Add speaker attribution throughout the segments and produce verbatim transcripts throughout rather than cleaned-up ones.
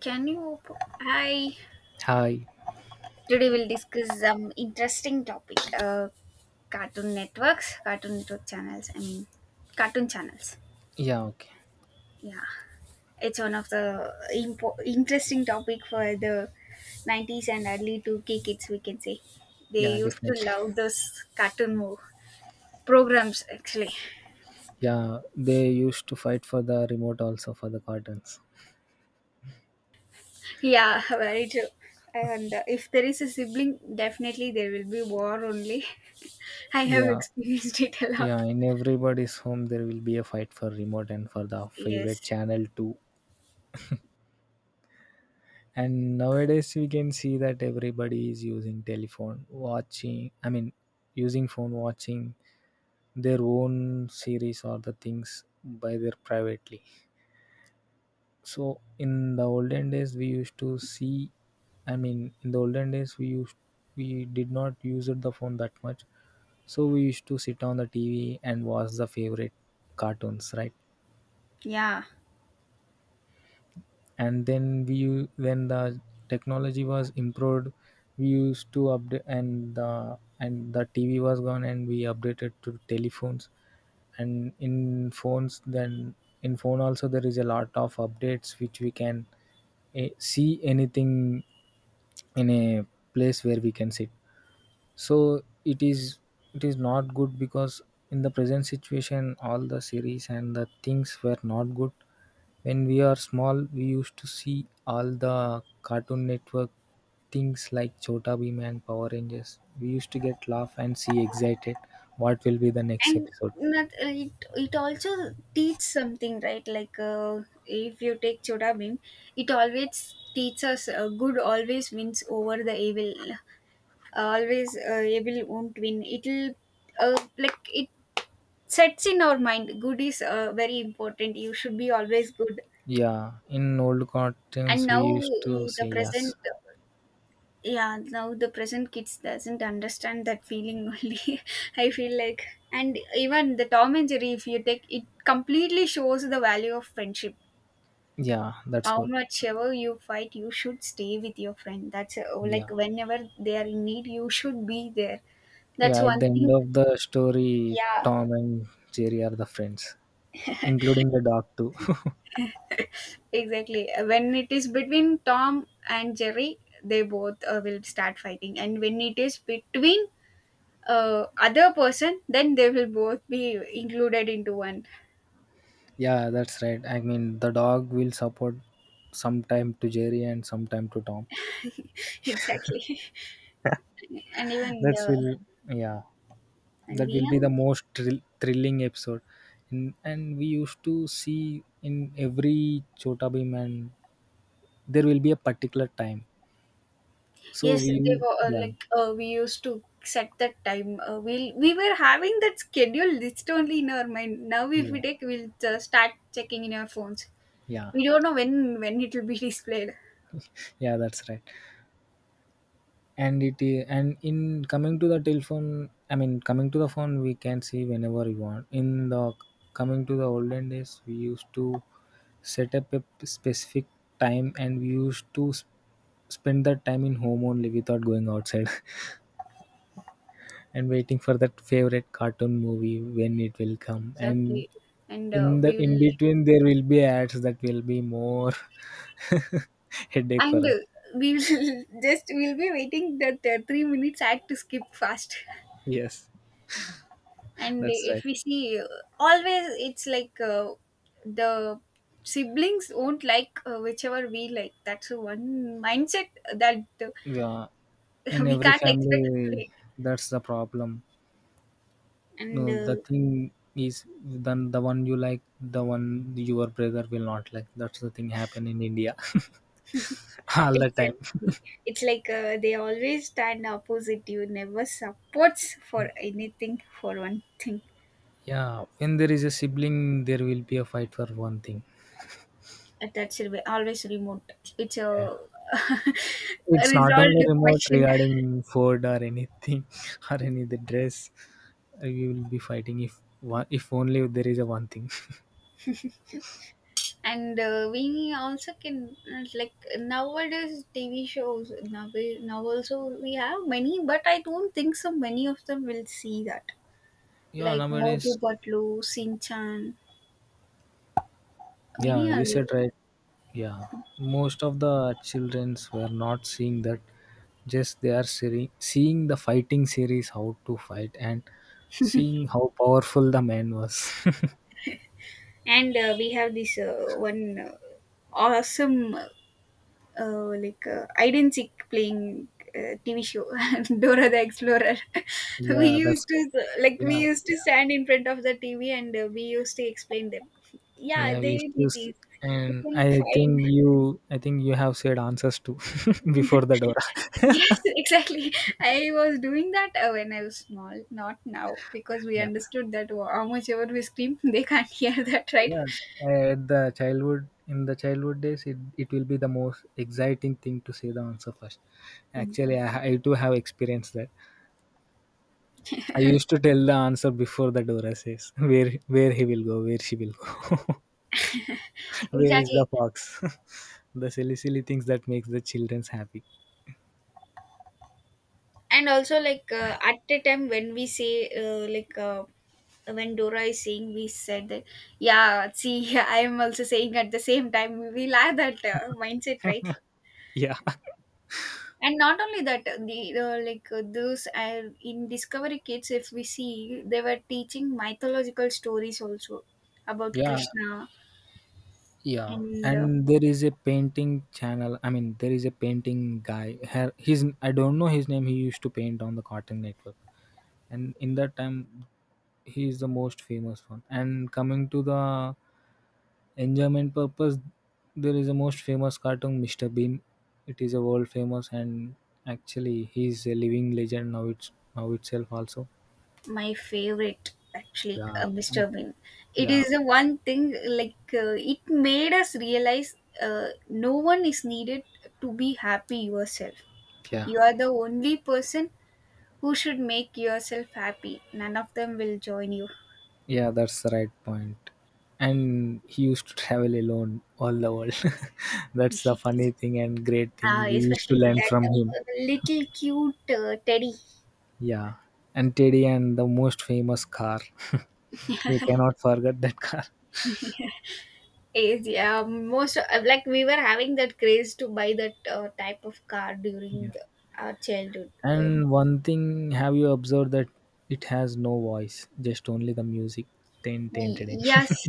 Speaker 1: Can you? Hi.
Speaker 2: Hi.
Speaker 1: Today we'll discuss some interesting topic. Uh, cartoon networks, cartoon network channels. I mean, cartoon channels.
Speaker 2: Yeah, okay.
Speaker 1: Yeah, it's one of the impo- interesting topic for the nineties and early two K kids. We can say they
Speaker 2: Yeah,
Speaker 1: used to
Speaker 2: definitely.
Speaker 1: love those cartoon mo- programs. Actually,
Speaker 2: Yeah, they used to fight for the remote also for the cartons.
Speaker 1: yeah, very true. And uh, if there is a sibling, definitely there will be war only. I have
Speaker 2: Yeah,
Speaker 1: experienced it a lot.
Speaker 2: yeah, in everybody's home there will be a fight for remote and for the favorite
Speaker 1: Yes.
Speaker 2: channel too. And nowadays we can see that everybody is using telephone, watching, I mean, using phone, watching their own series or the things by their privately. So in the olden days, we used to see. I mean, in the olden days, we used we did not use it the phone that much. So we used to sit on the T V and watch the favorite cartoons, right?
Speaker 1: Yeah,
Speaker 2: And then we u- when the technology was improved, we used to update and the and the T V was gone and we updated to telephones, and in phones, then in phone also there is a lot of updates which we can eh, see anything in a place where we can sit, so it is it is not good because in the present situation all the series and the things were not good. When we are small we used to see all the cartoon network things like Chota Bheem and Power Rangers. We used to get laugh and see excited what will be the next
Speaker 1: and
Speaker 2: episode.
Speaker 1: not, it it also teach something, right? Like uh, if you take Choda Bhim, it always teaches uh, good always wins over the evil. Uh, Always uh, evil won't win. It'll uh, like it sets in our mind. Good is uh, very important. You should be always good.
Speaker 2: Yeah, in old
Speaker 1: And
Speaker 2: cartoons we
Speaker 1: now
Speaker 2: used to
Speaker 1: uh,
Speaker 2: say
Speaker 1: the
Speaker 2: yes.
Speaker 1: present yeah now the present kids doesn't understand that feeling only, i feel like and even the Tom and Jerry, if you take it, completely shows the value of friendship.
Speaker 2: Yeah, that's
Speaker 1: How
Speaker 2: good.
Speaker 1: much ever you fight, you should stay with your friend. That's uh, like
Speaker 2: Yeah,
Speaker 1: whenever they are in need, you should be there. That's
Speaker 2: yeah, at
Speaker 1: one
Speaker 2: the end
Speaker 1: thing.
Speaker 2: of the story,
Speaker 1: Yeah,
Speaker 2: Tom and Jerry are the friends, including the dog too.
Speaker 1: exactly. When it is between Tom and Jerry, they both uh, will start fighting, and when it is between uh, other person, then they will both be included into one.
Speaker 2: Yeah, that's right. I mean, the dog will support sometime to Jerry and sometime to Tom.
Speaker 1: Exactly. and even
Speaker 2: That's
Speaker 1: the
Speaker 2: will, yeah,
Speaker 1: and
Speaker 2: that
Speaker 1: we
Speaker 2: will be the
Speaker 1: have
Speaker 2: most thrill- thrilling episode. And, and we used to see in every Chota Bheem, and there will be a particular time. So
Speaker 1: Yes, they
Speaker 2: we,
Speaker 1: were uh,
Speaker 2: yeah,
Speaker 1: like uh, we used to set that time. Uh, we we were having that schedule list only in our mind. Now if we
Speaker 2: yeah,
Speaker 1: take, we'll uh, start checking in our phones.
Speaker 2: yeah,
Speaker 1: We don't know when when it will be displayed.
Speaker 2: yeah, that's right. And it i- and in coming to the telephone, I mean coming to the phone, we can see whenever we want in the coming to the olden days. We used to set up a p- specific time and we used to s- spend that time in home only without going outside and waiting for that favorite cartoon movie when it will come. And
Speaker 1: Exactly, and uh,
Speaker 2: in the
Speaker 1: we
Speaker 2: in
Speaker 1: will
Speaker 2: between there will be ads that will be more headache for
Speaker 1: and.
Speaker 2: us.
Speaker 1: Uh, we will just we'll be waiting that uh, three minutes ad to skip fast.
Speaker 2: Yes,
Speaker 1: And
Speaker 2: that's
Speaker 1: if
Speaker 2: right.
Speaker 1: we see uh, always, it's like uh, the siblings won't like uh, whichever we like. That's one mindset that
Speaker 2: Yeah,
Speaker 1: uh,
Speaker 2: in
Speaker 1: we
Speaker 2: every
Speaker 1: can't expect to
Speaker 2: family,
Speaker 1: like.
Speaker 2: that's the problem.
Speaker 1: And
Speaker 2: No, the
Speaker 1: uh,
Speaker 2: thing is, then the one you like, the one your brother will not like. That's the thing happen in India all the time.
Speaker 1: exactly, it's like uh, they always stand opposite. You never supports for anything for one thing.
Speaker 2: Yeah, when there is a sibling, there will be a fight for one thing.
Speaker 1: Uh, that should be always remote. It's
Speaker 2: Yeah,
Speaker 1: a
Speaker 2: it's not
Speaker 1: resolved
Speaker 2: only remote,
Speaker 1: question.
Speaker 2: regarding food or anything or any the dress. We will be fighting if one, if only there is a one thing.
Speaker 1: And uh, we also can uh, like nowadays T V shows now, we, now also we have many, but I don't think so many of them will see that.
Speaker 2: Yeah,
Speaker 1: Like Motu
Speaker 2: nowadays.
Speaker 1: Patlu, Sinchan, many
Speaker 2: Yeah, you
Speaker 1: are there.
Speaker 2: said right. Yeah, most of the childrens were not seeing that. Just they are seri- seeing the fighting series, how to fight, and seeing how powerful the man was.
Speaker 1: And uh, we have this uh, one uh, awesome uh, like uh, hide and seek playing uh, T V show. Dora the Explorer. We
Speaker 2: Yeah, that's
Speaker 1: used
Speaker 2: good.
Speaker 1: to, like we
Speaker 2: Yeah,
Speaker 1: used to
Speaker 2: yeah,
Speaker 1: stand in front of the T V, and uh, we used to explain them. Yeah,
Speaker 2: yeah. We used
Speaker 1: they
Speaker 2: to,
Speaker 1: it
Speaker 2: s-
Speaker 1: is. You
Speaker 2: and
Speaker 1: can
Speaker 2: I
Speaker 1: find.
Speaker 2: think you, I think you have said answers too before the Dora.
Speaker 1: Yes, exactly. I was doing that uh, when I was small, not now, because we
Speaker 2: Yeah.
Speaker 1: understood that how much ever we scream, they can't hear that, right?
Speaker 2: Yeah, at the childhood, in the childhood days, it, it will be the most exciting thing to say the answer first.
Speaker 1: Mm.
Speaker 2: Actually, I, I too have experienced that. I used to tell the answer before the Dora says where where he will go, where she will go, where is the
Speaker 1: Exactly.
Speaker 2: fox. The silly silly things that makes the childrens happy.
Speaker 1: And also like uh, at a time when we say uh, like uh, when Dora is saying, we said that, yeah, see, I am also saying at the same time, we'll have that uh, mindset, right?
Speaker 2: Yeah,
Speaker 1: And not only that, uh, the uh, like uh, those uh, in Discovery Kids, if we see, they were teaching mythological stories also about
Speaker 2: yeah,
Speaker 1: Krishna.
Speaker 2: yeah.
Speaker 1: And uh,
Speaker 2: And there is a painting channel. I mean, there is a painting guy. Her, his, I don't know his name. He used to paint on the Cartoon Network, and in that time he is the most famous one. And coming to the enjoyment purpose, there is a most famous cartoon, Mr. Bean. It is a world famous, and actually he is a living legend now, it's now itself also.
Speaker 1: my favorite, actually,
Speaker 2: Yeah.
Speaker 1: uh, Mr.
Speaker 2: Like,
Speaker 1: Bean. It
Speaker 2: yeah,
Speaker 1: is the one thing like uh, it made us realize uh, no one is needed to be happy yourself.
Speaker 2: yeah,
Speaker 1: You are the only person who should make yourself happy. None of them will join you.
Speaker 2: yeah, that's the right point point. And he used to travel alone all the world. That's the funny
Speaker 1: Yes.
Speaker 2: thing and great thing
Speaker 1: uh,
Speaker 2: we used to
Speaker 1: especially
Speaker 2: learn
Speaker 1: that
Speaker 2: from him.
Speaker 1: uh, little cute uh, teddy
Speaker 2: Yeah, and Teddy and the most famous car. We cannot forget that car.
Speaker 1: is, yeah, most uh, like we were having that craze to buy that uh, type of car during
Speaker 2: Yeah.
Speaker 1: our childhood. Um,
Speaker 2: And one thing, have you observed that it has no voice, just only the music. Ten, ten,
Speaker 1: Y-
Speaker 2: ten, ten.
Speaker 1: Yes,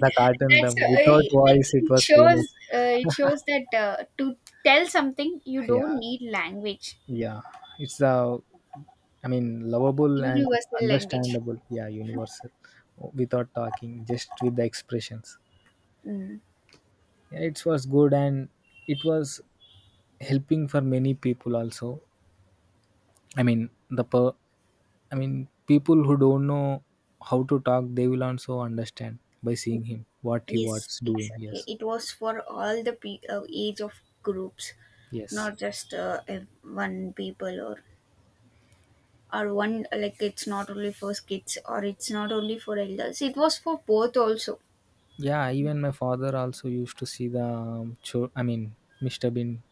Speaker 2: The cartoon, the
Speaker 1: uh,
Speaker 2: without
Speaker 1: like
Speaker 2: voice, it
Speaker 1: it
Speaker 2: was
Speaker 1: shows.
Speaker 2: famous.
Speaker 1: Uh, it shows that uh, to tell something, you don't
Speaker 2: Yeah,
Speaker 1: need language,
Speaker 2: yeah. It's the, I mean, lovable and
Speaker 1: universal language.
Speaker 2: understandable. Yeah, universal. Without talking, just with the expressions.
Speaker 1: Mm.
Speaker 2: Yeah, it was good, and it was helping for many people also. I mean, the per, I mean, people who don't know how to talk, they will also understand by seeing him what he
Speaker 1: Yes,
Speaker 2: was doing.
Speaker 1: exactly.
Speaker 2: Yes,
Speaker 1: It was for all the pe- uh, age of groups,
Speaker 2: yes,
Speaker 1: not just uh, ev- one people or or one, like it's not only for kids or it's not only for elders. It was for both also.
Speaker 2: yeah. Even my father also used to see the um, show. I mean, Mister Bean.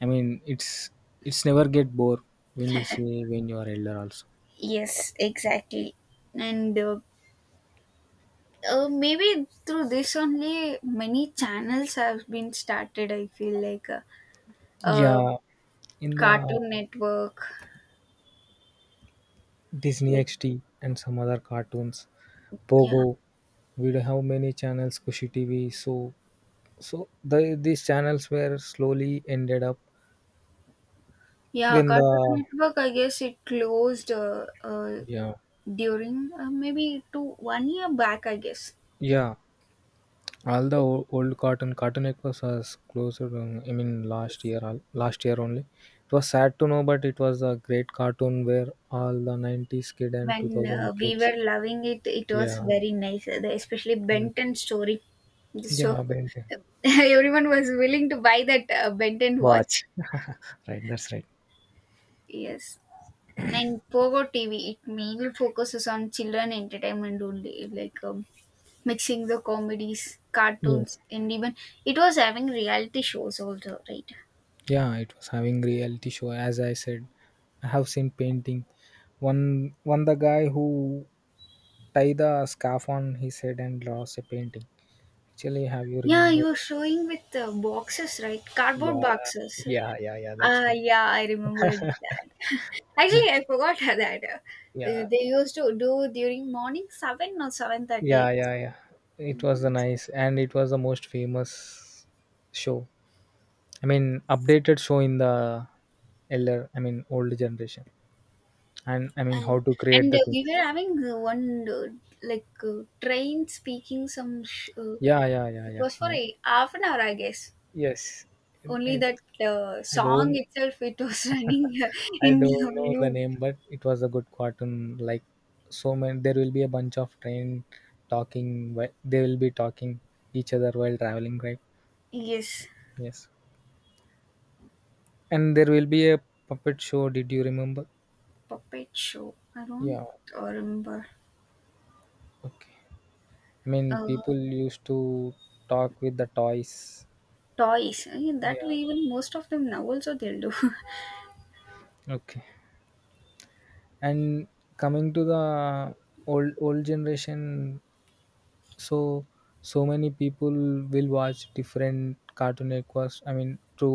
Speaker 2: I mean, it's it's never get bored when you see when you are elder also.
Speaker 1: Yes, exactly. And uh, uh, maybe through this only many channels have been started, I feel like. uh, uh
Speaker 2: Yeah, in the
Speaker 1: Cartoon Network,
Speaker 2: Disney
Speaker 1: like,
Speaker 2: X D and some other cartoons,
Speaker 1: yeah,
Speaker 2: Pogo. We do have many channels, Kushi T V. So so the, these channels were slowly ended up.
Speaker 1: yeah,
Speaker 2: When
Speaker 1: Cartoon
Speaker 2: the,
Speaker 1: Network, I guess it closed uh, uh
Speaker 2: yeah,
Speaker 1: during uh, maybe two one year back, I guess.
Speaker 2: yeah. All the
Speaker 1: It
Speaker 2: o- old cotton cotton acres was closed. um, I mean, last
Speaker 1: is.
Speaker 2: year, al- last year only. It was sad to know, but it was a great cartoon where all the nineties kid and
Speaker 1: When uh,
Speaker 2: two thousand
Speaker 1: we
Speaker 2: kids.
Speaker 1: were loving it, it was
Speaker 2: Yeah,
Speaker 1: very nice. uh, the- especially
Speaker 2: yeah,
Speaker 1: Benton story. So
Speaker 2: yeah. Ben ten.
Speaker 1: everyone was willing to buy that uh, Benton watch.
Speaker 2: Watch, right? That's right.
Speaker 1: Yes. In Pogo T V, it mainly focuses on children entertainment only, like um, mixing the comedies,
Speaker 2: Yeah,
Speaker 1: cartoons, and even it was having reality shows also, right?
Speaker 2: yeah. It was having reality show. As I said, I have seen painting. One, one the guy who tie the scarf on his head and draws a painting. Actually, have you
Speaker 1: Yeah, you
Speaker 2: remembered?
Speaker 1: were showing with uh, boxes, right? Cardboard
Speaker 2: Yeah,
Speaker 1: boxes.
Speaker 2: yeah, yeah, yeah. That's
Speaker 1: Ah,
Speaker 2: one.
Speaker 1: yeah, I remembered that. Actually, I forgot that. Uh,
Speaker 2: Yeah,
Speaker 1: they used to do during morning seven or seven thirty,
Speaker 2: yeah, yeah, yeah. It was the
Speaker 1: and
Speaker 2: nice, and it was the most famous show. I mean, updated show in the elder. I mean, old generation, and I mean how to create
Speaker 1: and
Speaker 2: the
Speaker 1: uh, we
Speaker 2: things.
Speaker 1: were having uh, one uh, like uh, train speaking some sh- uh,
Speaker 2: Yeah, yeah, yeah,
Speaker 1: it
Speaker 2: yeah.
Speaker 1: was for
Speaker 2: Uh,
Speaker 1: a half an hour, I guess.
Speaker 2: yes,
Speaker 1: Only
Speaker 2: I,
Speaker 1: that uh,
Speaker 2: I
Speaker 1: song
Speaker 2: don't,
Speaker 1: itself, it was running
Speaker 2: I
Speaker 1: in
Speaker 2: don't know the
Speaker 1: loop.
Speaker 2: name, but it was a good cartoon. Like so many, there will be a bunch of train talking. whi- They will be talking each other while traveling, right?
Speaker 1: Yes,
Speaker 2: Yes. And there will be a puppet show, did you remember?
Speaker 1: puppet show. I don't
Speaker 2: Yeah,
Speaker 1: uh, remember.
Speaker 2: okay. I mean,
Speaker 1: Uh,
Speaker 2: people used to talk with the toys.
Speaker 1: toys. I mean, that way,
Speaker 2: Yeah,
Speaker 1: even most of them now also they'll do.
Speaker 2: okay. And coming to the old old generation, so so many people will watch different cartoon networks, I mean to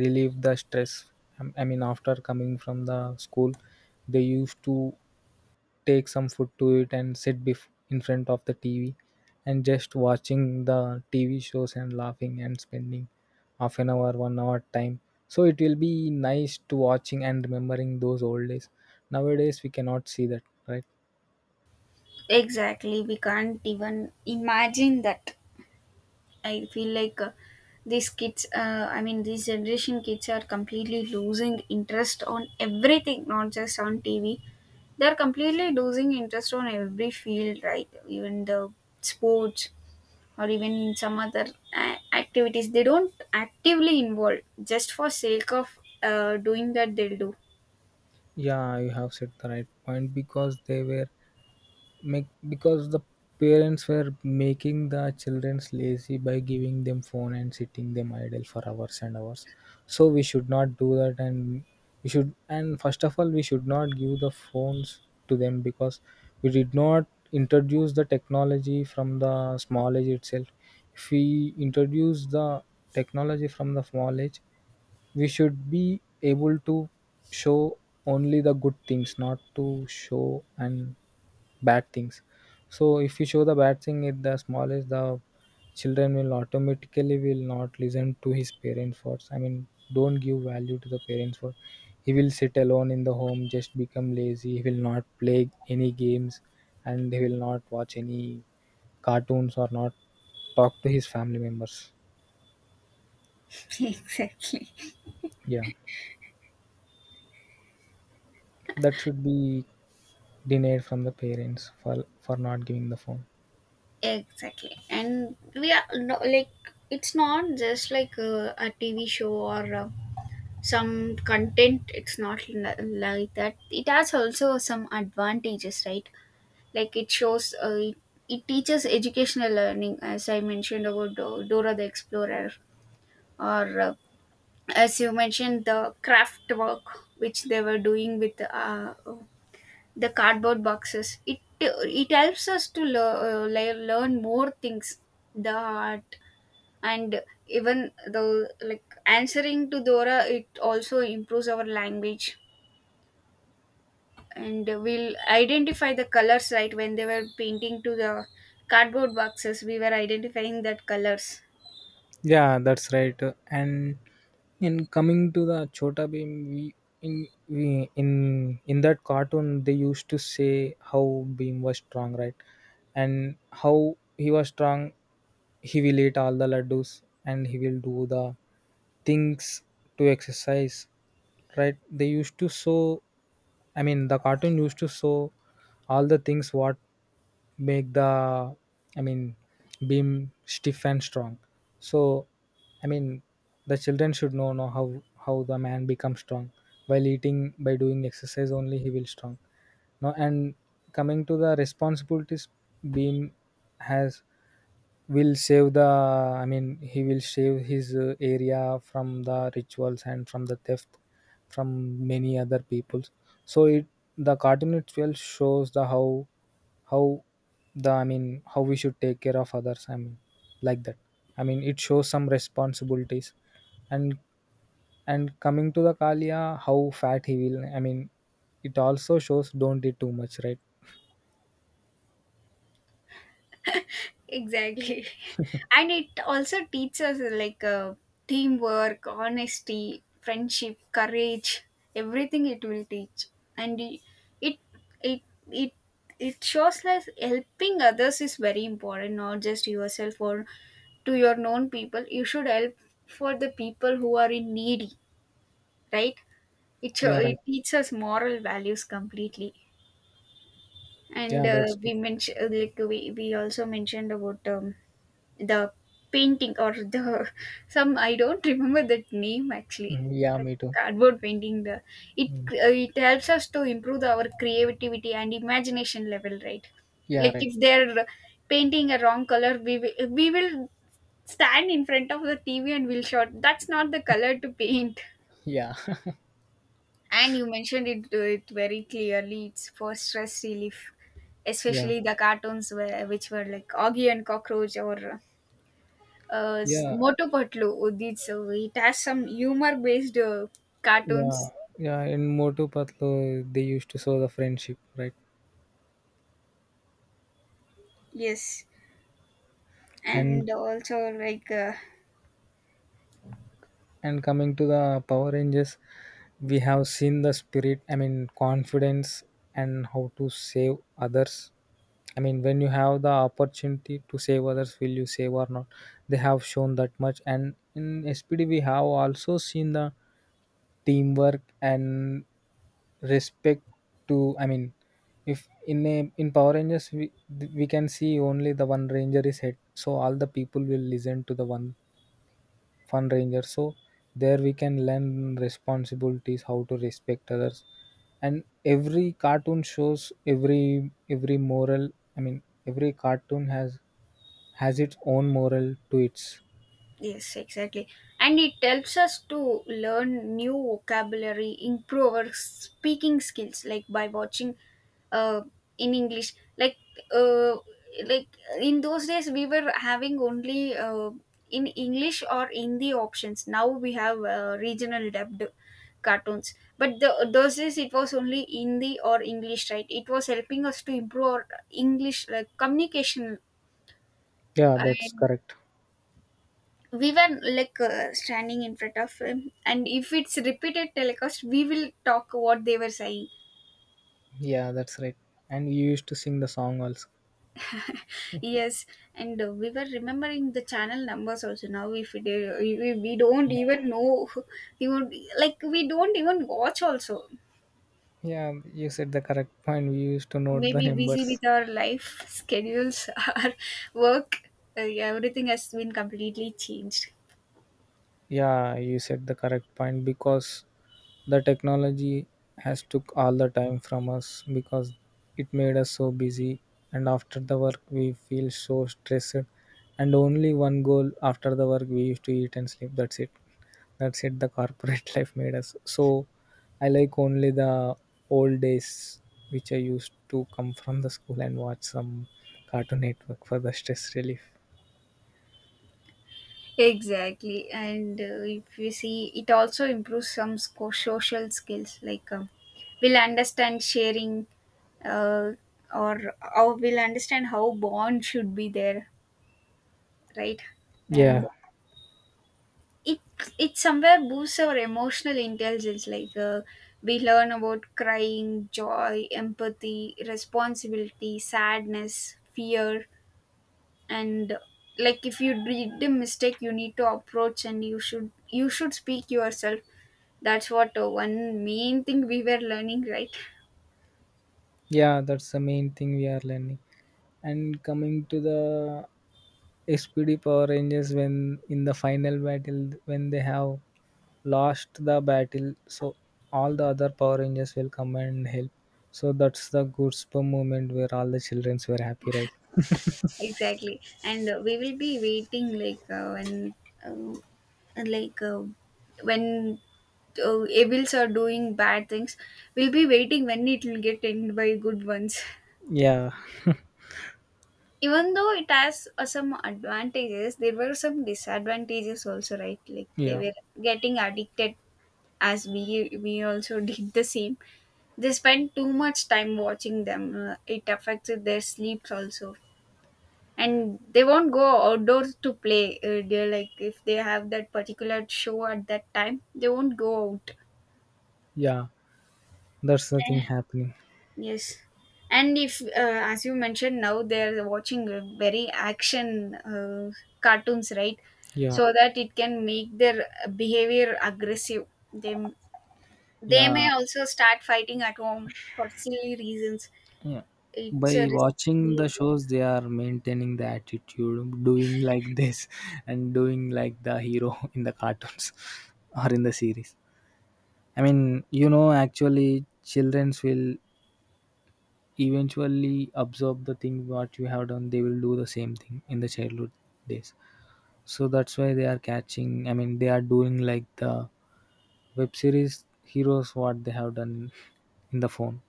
Speaker 2: relieve the stress. Um, I mean after coming from the school they used to take some food to it and sit bef- in front of the TV and just watching the TV shows and laughing and spending half an hour, one hour time. So it will be nice to watching and remembering those old days. Nowadays we cannot see that, right?
Speaker 1: Exactly. We can't even imagine that. I feel like uh, these kids, uh, I mean, these generation kids are completely losing interest on everything, not just on T V. They're completely losing interest on every field, right? Even the sports or even some other uh, activities. They don't actively involve just for sake of uh, doing that, they'll do.
Speaker 2: Yeah, you have said the right point because they were make because the parents were making the childrens lazy by giving them phone and sitting them idle for hours and hours. So we should not do that, and we should, and first of all we should not give the phones to them because we did not introduce the technology from the small age itself. If we introduce the technology from the small age, we should be able to show only the good things, not to show and bad things. So if you show the bad thing at the smallest, the children will automatically will not listen to his parents words. I mean, don't give value to the parents word. He will sit alone in the home, just become lazy, he will not play any games, and he will not watch any cartoons or not talk to his family members.
Speaker 1: Exactly.
Speaker 2: Yeah, that should be denied from the parents, for for not giving the phone.
Speaker 1: Exactly. And we are no, like, it's not just like uh, a T V show or uh, some content. It's not li- like that. It has also some advantages, right? Like it shows uh, it, it teaches educational learning, as I mentioned about Do- Dora the Explorer, or uh, as you mentioned the craft work which they were doing with uh, the cardboard boxes. It it helps us to lear- uh, lear- learn more things, the art. And even though like answering to Dora, it also improves our language. And we'll identify the colors, right? When they were painting to the cardboard boxes, we were identifying that colors.
Speaker 2: Yeah, that's right. And in coming to the Chota beam we in we in in that cartoon they used to say how beam was strong, right? And how he was strong. He will eat all the laddus and he will do the things to exercise, right? They used to show, I mean the cartoon used to show, all the things what make the, I mean, beam stiff and strong. So, I mean, the children should know know how how the man becomes strong. While eating, by doing exercise only, he will strong. No, and coming to the responsibilities, beam has will save the, I mean, he will save his uh, area from the rituals and from the theft, from many other peoples. So it, the cartoon itself shows the how how the, I mean, how we should take care of others. I mean, like that, I mean, it shows some responsibilities. and and coming to the Kalia, how fat he will, I mean, it also shows don't eat too much, right?
Speaker 1: Exactly. And it also teaches like uh, teamwork, honesty, friendship, courage, everything it will teach. And it it it it, it shows that helping others is very important, not just yourself or to your known people. You should help for the people who are in needy, right? It show-
Speaker 2: Yeah,
Speaker 1: it
Speaker 2: right.
Speaker 1: teaches moral values completely. And
Speaker 2: Yeah,
Speaker 1: uh,
Speaker 2: that's good.
Speaker 1: we mentioned, like we, we also mentioned about um, the painting or the some I don't remember that name actually.
Speaker 2: Mhm. Yeah, me too.
Speaker 1: Cardboard painting, the it
Speaker 2: Mhm.
Speaker 1: uh, it helps us to improve our creativity and imagination level, right?
Speaker 2: Yeah,
Speaker 1: Like
Speaker 2: right.
Speaker 1: if they're painting a wrong color, we will, we will stand in front of the tv and we'll shout, that's not the color to paint.
Speaker 2: Yeah.
Speaker 1: And you mentioned it, uh, it very clearly. It's for stress relief,
Speaker 2: Yeah,
Speaker 1: especially the cartoons where, which were like Augie and Cockroach or uh, s-
Speaker 2: yeah,
Speaker 1: Motu Patlu. Udit. So it has some humor based uh,
Speaker 2: yeah,
Speaker 1: cartoons.
Speaker 2: yeah. In Motu Patlu, they used to show the friendship, right?
Speaker 1: Yes,
Speaker 2: And
Speaker 1: and also like uh,
Speaker 2: and coming to the power rangers, we have seen the spirit, i mean confidence, and how to save others. I mean, when you have the opportunity to save others, will you save or not? They have shown that much. And in spd we have also seen the teamwork and respect to, I mean, if in a in power rangers, we we can see only the one ranger is head, so all the people will listen to the one fun ranger. So there we can learn responsibilities, how to respect others. And every cartoon shows every every moral. I mean, every cartoon has has its own moral to its.
Speaker 1: yes, exactly. And it helps us to learn new vocabulary, improve our speaking skills, like by watching uh, in English. Like, uh, like in those days, we were having only uh, in English or Hindi options. Now we have uh, regional dubbed cartoons. But the, those days, it was only Hindi or English, right? It was helping us to improve our English like communication.
Speaker 2: Yeah, that's
Speaker 1: And
Speaker 2: correct.
Speaker 1: we were like uh, standing in front of him, and if it's repeated telecast, we will talk what they were saying.
Speaker 2: Yeah, that's right, and you used to sing the song also.
Speaker 1: Yes. And uh, we were remembering the channel numbers also. Now if we, do, we, we don't even
Speaker 2: Yeah,
Speaker 1: know. We don't like we don't even watch also.
Speaker 2: yeah, you said the correct point, we used to note the
Speaker 1: Maybe busy
Speaker 2: numbers.
Speaker 1: with our life schedules, our work, uh, everything has been completely changed.
Speaker 2: Yeah, you said the correct point, because the technology has took all the time from us, because it made us so busy, and after the work we feel so stressed, and only one goal after the work, we used to eat and sleep, that's it. That's it, the corporate life made us so. I like only the old days, which I used to come from the school and watch some cartoon network for the stress relief.
Speaker 1: Exactly. And uh, if you see, it also improves some sco- social skills. Like um, we'll understand sharing, uh, or or we'll understand how bond should be there, right? And
Speaker 2: Yeah.
Speaker 1: it it somewhere boosts our emotional intelligence. Like uh, we learn about crying, joy, empathy, responsibility, sadness, fear, and like if you did a mistake you need to approach and you should you should speak yourself. That's what uh, one main thing we were learning, right?
Speaker 2: Yeah, that's the main thing we are learning. And coming to the S P D Power Rangers, when in the final battle, when they have lost the battle, so all the other Power Rangers will come and help. So that's the goosebump moment where all the childrens were happy, right?
Speaker 1: Exactly, and uh, we will be waiting like uh, when uh, like uh, when uh, evils are doing bad things, we'll be waiting when it will get end by good ones.
Speaker 2: Yeah,
Speaker 1: Even though it has uh, some advantages, there were some disadvantages also, right? Like they
Speaker 2: yeah,
Speaker 1: were getting addicted, as we we also did the same. They spend too much time watching them, uh, it affects their sleeps also, and they won't go outdoors to play. Uh, they're like if they have that particular show at that time they won't go out.
Speaker 2: yeah. That's the
Speaker 1: Eh,
Speaker 2: thing happening.
Speaker 1: yes, and if uh, as you mentioned, now they're watching uh, very action uh, cartoons, right?
Speaker 2: Yeah,
Speaker 1: So that it can make their behavior aggressive. they They may
Speaker 2: yeah.
Speaker 1: also start fighting at home for silly reasons.
Speaker 2: Yeah.
Speaker 1: It's a
Speaker 2: By
Speaker 1: risky
Speaker 2: watching the
Speaker 1: behavior.
Speaker 2: shows, they are maintaining the attitude, doing like this and doing like the hero in the cartoons or in the series. I mean, you know, actually, childrens will eventually absorb the thing what you have done. They will do the same thing in the childhood days. So that's why they are catching. I mean, they are doing like the web series heroes what they have done in the phone.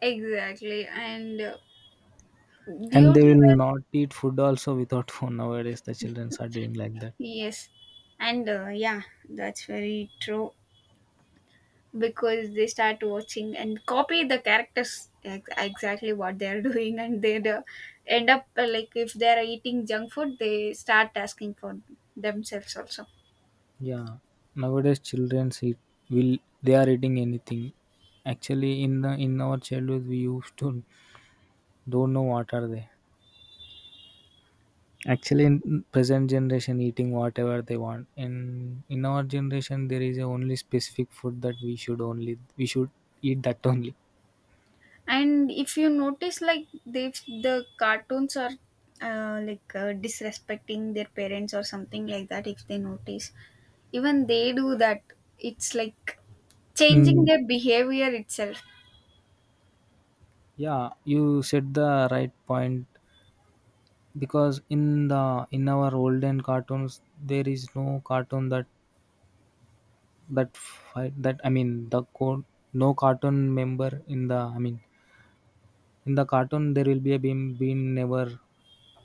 Speaker 1: Exactly. And uh,
Speaker 2: And
Speaker 1: due
Speaker 2: they
Speaker 1: to
Speaker 2: will
Speaker 1: that,
Speaker 2: not eat food also without phone. Nowadays, the children are doing like that.
Speaker 1: yes. And uh, yeah, that's very true, because they start watching and copy the characters ex- exactly what they're doing, and they uh, end up uh, like if they're eating junk food, they start asking for themselves also.
Speaker 2: Yeah, nowadays children eat will they are eating anything. Actually, in the in our childhood, we used to don't know what are they. Actually, in present generation, eating whatever they want. In in our generation, there is a only specific food that we should only we should eat that only.
Speaker 1: And if you notice, like they, the cartoons are uh, like uh, disrespecting their parents or something like that, if they notice, even they do that. It's like changing
Speaker 2: Mm,
Speaker 1: their behavior itself.
Speaker 2: yeah, you said the right point, because in the in our olden cartoons there is no cartoon that that fight that, I mean the code, no cartoon member in the, I mean, in the cartoon there will be a beam being never,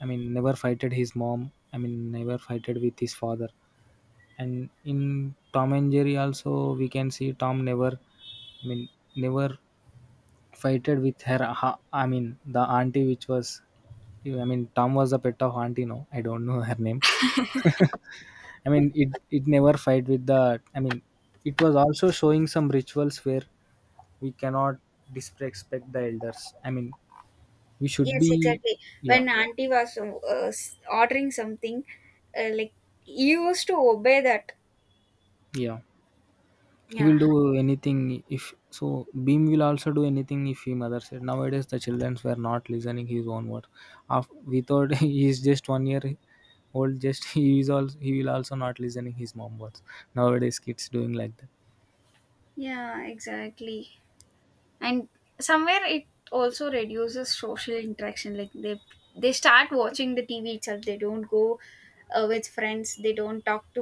Speaker 2: I mean never fighted his mom, I mean never fighted with his father. And in tom and jerry also we can see tom never, I mean, never fighted with her ha- I mean the auntie which was, I mean tom was the pet of auntie, no I don't know her name. I mean, it it never fight with the. I mean, it was also showing some rituals where we cannot disrespect the elders. I mean, we should
Speaker 1: Yes,
Speaker 2: be,
Speaker 1: exactly.
Speaker 2: yeah,
Speaker 1: When auntie was uh, s- ordering something, uh, like, you used to obey that.
Speaker 2: yeah. He
Speaker 1: Yeah.
Speaker 2: will do anything if so. Beam will also do anything if he mother said. Nowadays, the children were not listening his own word. After, we thought he is just one year old. Just he is also he will also not listening his mom words. Nowadays, kids doing like that.
Speaker 1: Yeah, exactly, and somewhere it also reduces social interaction. Like they they start watching the TV itself, they don't go uh, with friends, they don't talk to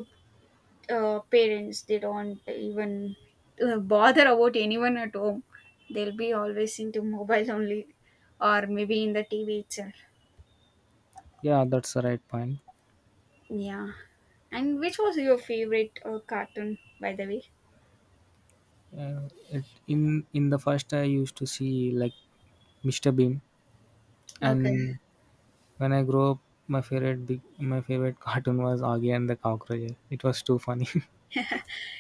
Speaker 1: uh, parents, they don't even uh, bother about anyone at home. They'll be always into mobile only, or maybe in the TV itself.
Speaker 2: Yeah, that's the right point.
Speaker 1: Yeah. And which was your favorite uh, cartoon, by the way?
Speaker 2: Uh, it in in the first I used to see like mister Bean,
Speaker 1: Okay.
Speaker 2: and when I grew up, my favorite big my favorite cartoon was Augie and the Cockroach. It was too funny.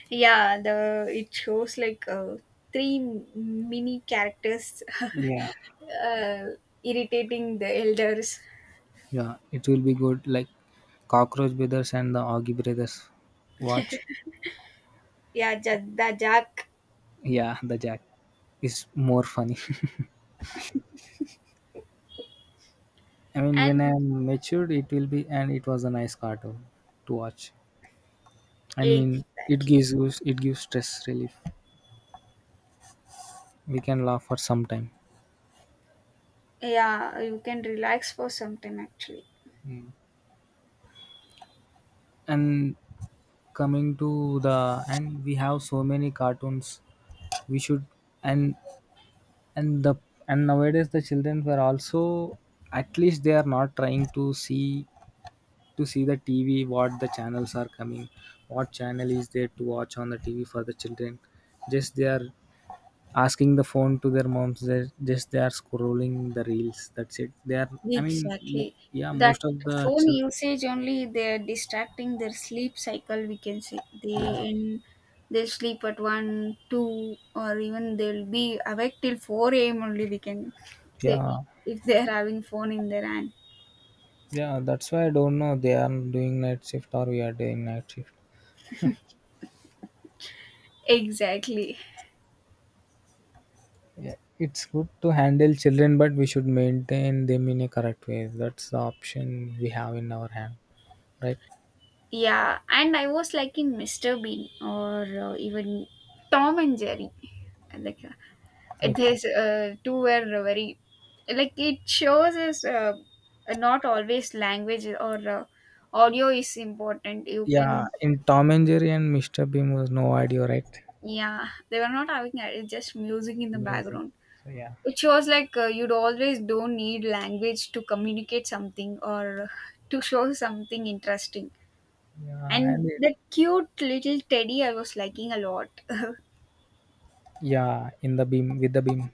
Speaker 1: Yeah, the it shows like uh, three mini characters
Speaker 2: Yeah.
Speaker 1: uh, irritating the elders.
Speaker 2: Yeah, it will be good like Cockroach Brothers and the Augie Brothers. Watch,
Speaker 1: Yeah, Ja- the Jack.
Speaker 2: yeah, the Jack is more funny. I mean, when
Speaker 1: And
Speaker 2: I'm matured, it will be, and it was a nice cartoon to watch. I
Speaker 1: egg,
Speaker 2: mean, it
Speaker 1: exactly.
Speaker 2: gives you it gives stress relief. We can laugh for some time,
Speaker 1: Yeah, you can relax for some time actually.
Speaker 2: and coming to the end, we have so many cartoons we should and and the and nowadays the children were also, at least they are not trying to see to see the tv what the channels are coming, what channel is there to watch on the tv for the children. Just they are asking the phone to their moms, they just they are scrolling the reels, that's it. They are I mean mo-
Speaker 1: Exactly.
Speaker 2: Yeah,
Speaker 1: That
Speaker 2: most of the
Speaker 1: phone
Speaker 2: chil-
Speaker 1: usage only, they're distracting their sleep cycle, we can say. They
Speaker 2: yeah.
Speaker 1: in they sleep at one, two, or even they'll be awake till four a m only, we can say,
Speaker 2: Yeah.
Speaker 1: if they're having phone in their hand.
Speaker 2: Yeah, that's why I don't know they are doing night shift or we are doing night shift.
Speaker 1: Exactly.
Speaker 2: Yeah, it's good to handle children, but we should maintain them in a correct way. That's the option we have in our hand, right?
Speaker 1: Yeah, and I was liking mister Bean, or uh, even Tom and Jerry. Like uh, it
Speaker 2: Okay.
Speaker 1: is uh, two were very, like, it shows us uh, not always language or uh, audio is important. You
Speaker 2: Yeah,
Speaker 1: can,
Speaker 2: in Tom and Jerry and mister Bean was no idea, right?
Speaker 1: yeah, they were not having that. It's just music in the
Speaker 2: Music.
Speaker 1: background.
Speaker 2: So yeah,
Speaker 1: It shows like, uh, you'd always don't need language to communicate something or to show something interesting.
Speaker 2: yeah, and
Speaker 1: And
Speaker 2: it,
Speaker 1: that cute little teddy, I was liking a lot.
Speaker 2: yeah, in the beam with the beam.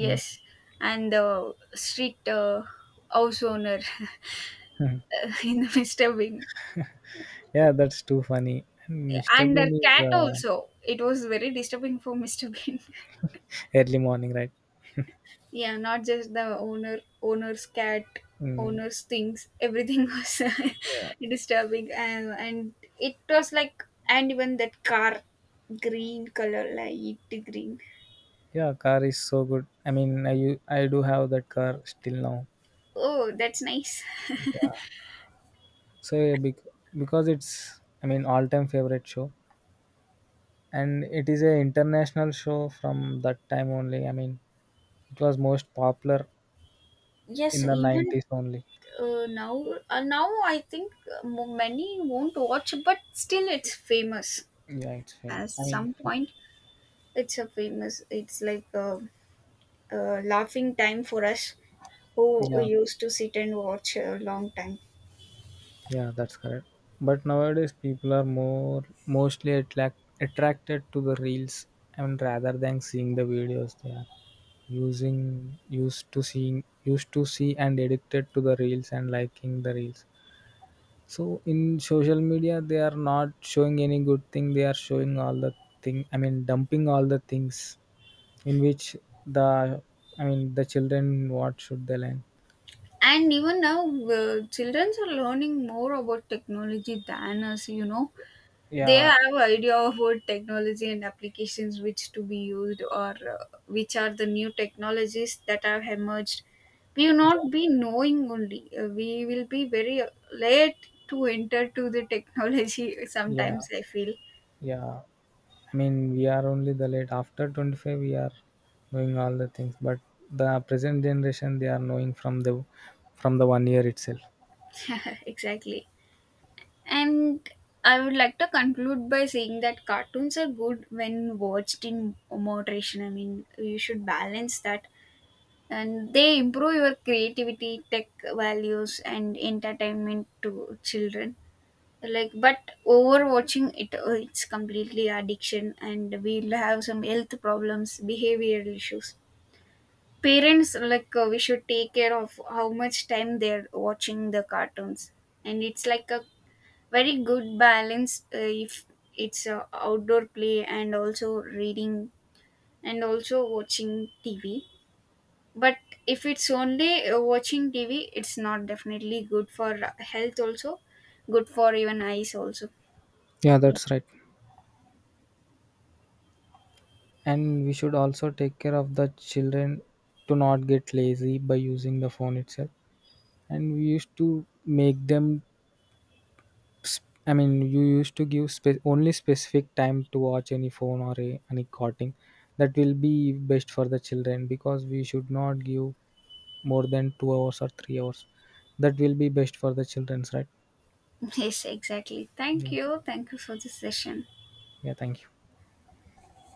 Speaker 2: I mean,
Speaker 1: and the street uh, house owner in the Mr. Bean.
Speaker 2: yeah, that's too funny. And mister
Speaker 1: And their
Speaker 2: Bean is
Speaker 1: cat
Speaker 2: uh,
Speaker 1: also, it was very disturbing for Mr. Bean.
Speaker 2: early morning, right?
Speaker 1: Yeah, not just the owner owner's cat,
Speaker 2: Mm,
Speaker 1: owner's things, everything was uh,
Speaker 2: yeah.
Speaker 1: disturbing. And, and it was like, and even that car, green color, light green.
Speaker 2: Yeah, car is so good. I mean, I u- I do have that car still now.
Speaker 1: Oh, that's nice.
Speaker 2: So yeah, bec- because it's, I mean, all time favorite show, and it is a international show from that time only. I mean, it was most popular
Speaker 1: Yes,
Speaker 2: in the
Speaker 1: even
Speaker 2: nineties only.
Speaker 1: uh, now uh, now I think uh, mo- many won't watch, but still it's famous
Speaker 2: Yeah, it's fame.
Speaker 1: at
Speaker 2: I mean,
Speaker 1: some point. It's a famous, it's like uh, uh, laughing time for us, who
Speaker 2: yeah,
Speaker 1: used to sit and watch a long time.
Speaker 2: yeah, that's correct. But nowadays people are more mostly attract attracted to the reels and rather than seeing the videos. They are. Using used to seeing used to see and addicted to the reels and liking the reels. So in social media they are not showing any good thing, they are showing all the thing, I mean dumping all the things in which the, I mean, the children what should they learn.
Speaker 1: And even now, uh, children are learning more about technology than us, you know. They
Speaker 2: Yeah.
Speaker 1: have idea about technology and applications which to be used, or uh, which are the new technologies that have emerged. We will
Speaker 2: yeah
Speaker 1: not be knowing only. Uh, we will be very late to enter to the technology
Speaker 2: yeah
Speaker 1: sometimes, I feel.
Speaker 2: yeah I mean we are only the late, after twenty-five we are knowing all the things, but the present generation they are knowing from the from the one year itself.
Speaker 1: Exactly. And I would like to conclude by saying that cartoons are good when watched in moderation. I mean, you should balance that. And they improve your creativity, tech values, and entertainment to children. Like, but overwatching it, uh, it's completely addiction, and we'll have some health problems, behavioral issues. Parents, like, uh, we should take care of how much time they're watching the cartoons, and it's like a very good balance uh, if it's uh, outdoor play and also reading and also watching TV. But if it's only uh, watching TV, it's not definitely good for health also, good for even eyes also.
Speaker 2: Yeah,
Speaker 1: Yeah.
Speaker 2: that's right. And we should also take care of the children to not get lazy by using the phone itself. And we used to make them, sp- I mean, you used to give spe- only specific time to watch any phone or a, any cartoon. That will be best for the children, because we should not give more than two hours or three hours. That will be best for the children's, right?
Speaker 1: Yes, exactly. thank
Speaker 2: Yeah.
Speaker 1: you thank you for this session.
Speaker 2: Yeah. Thank you.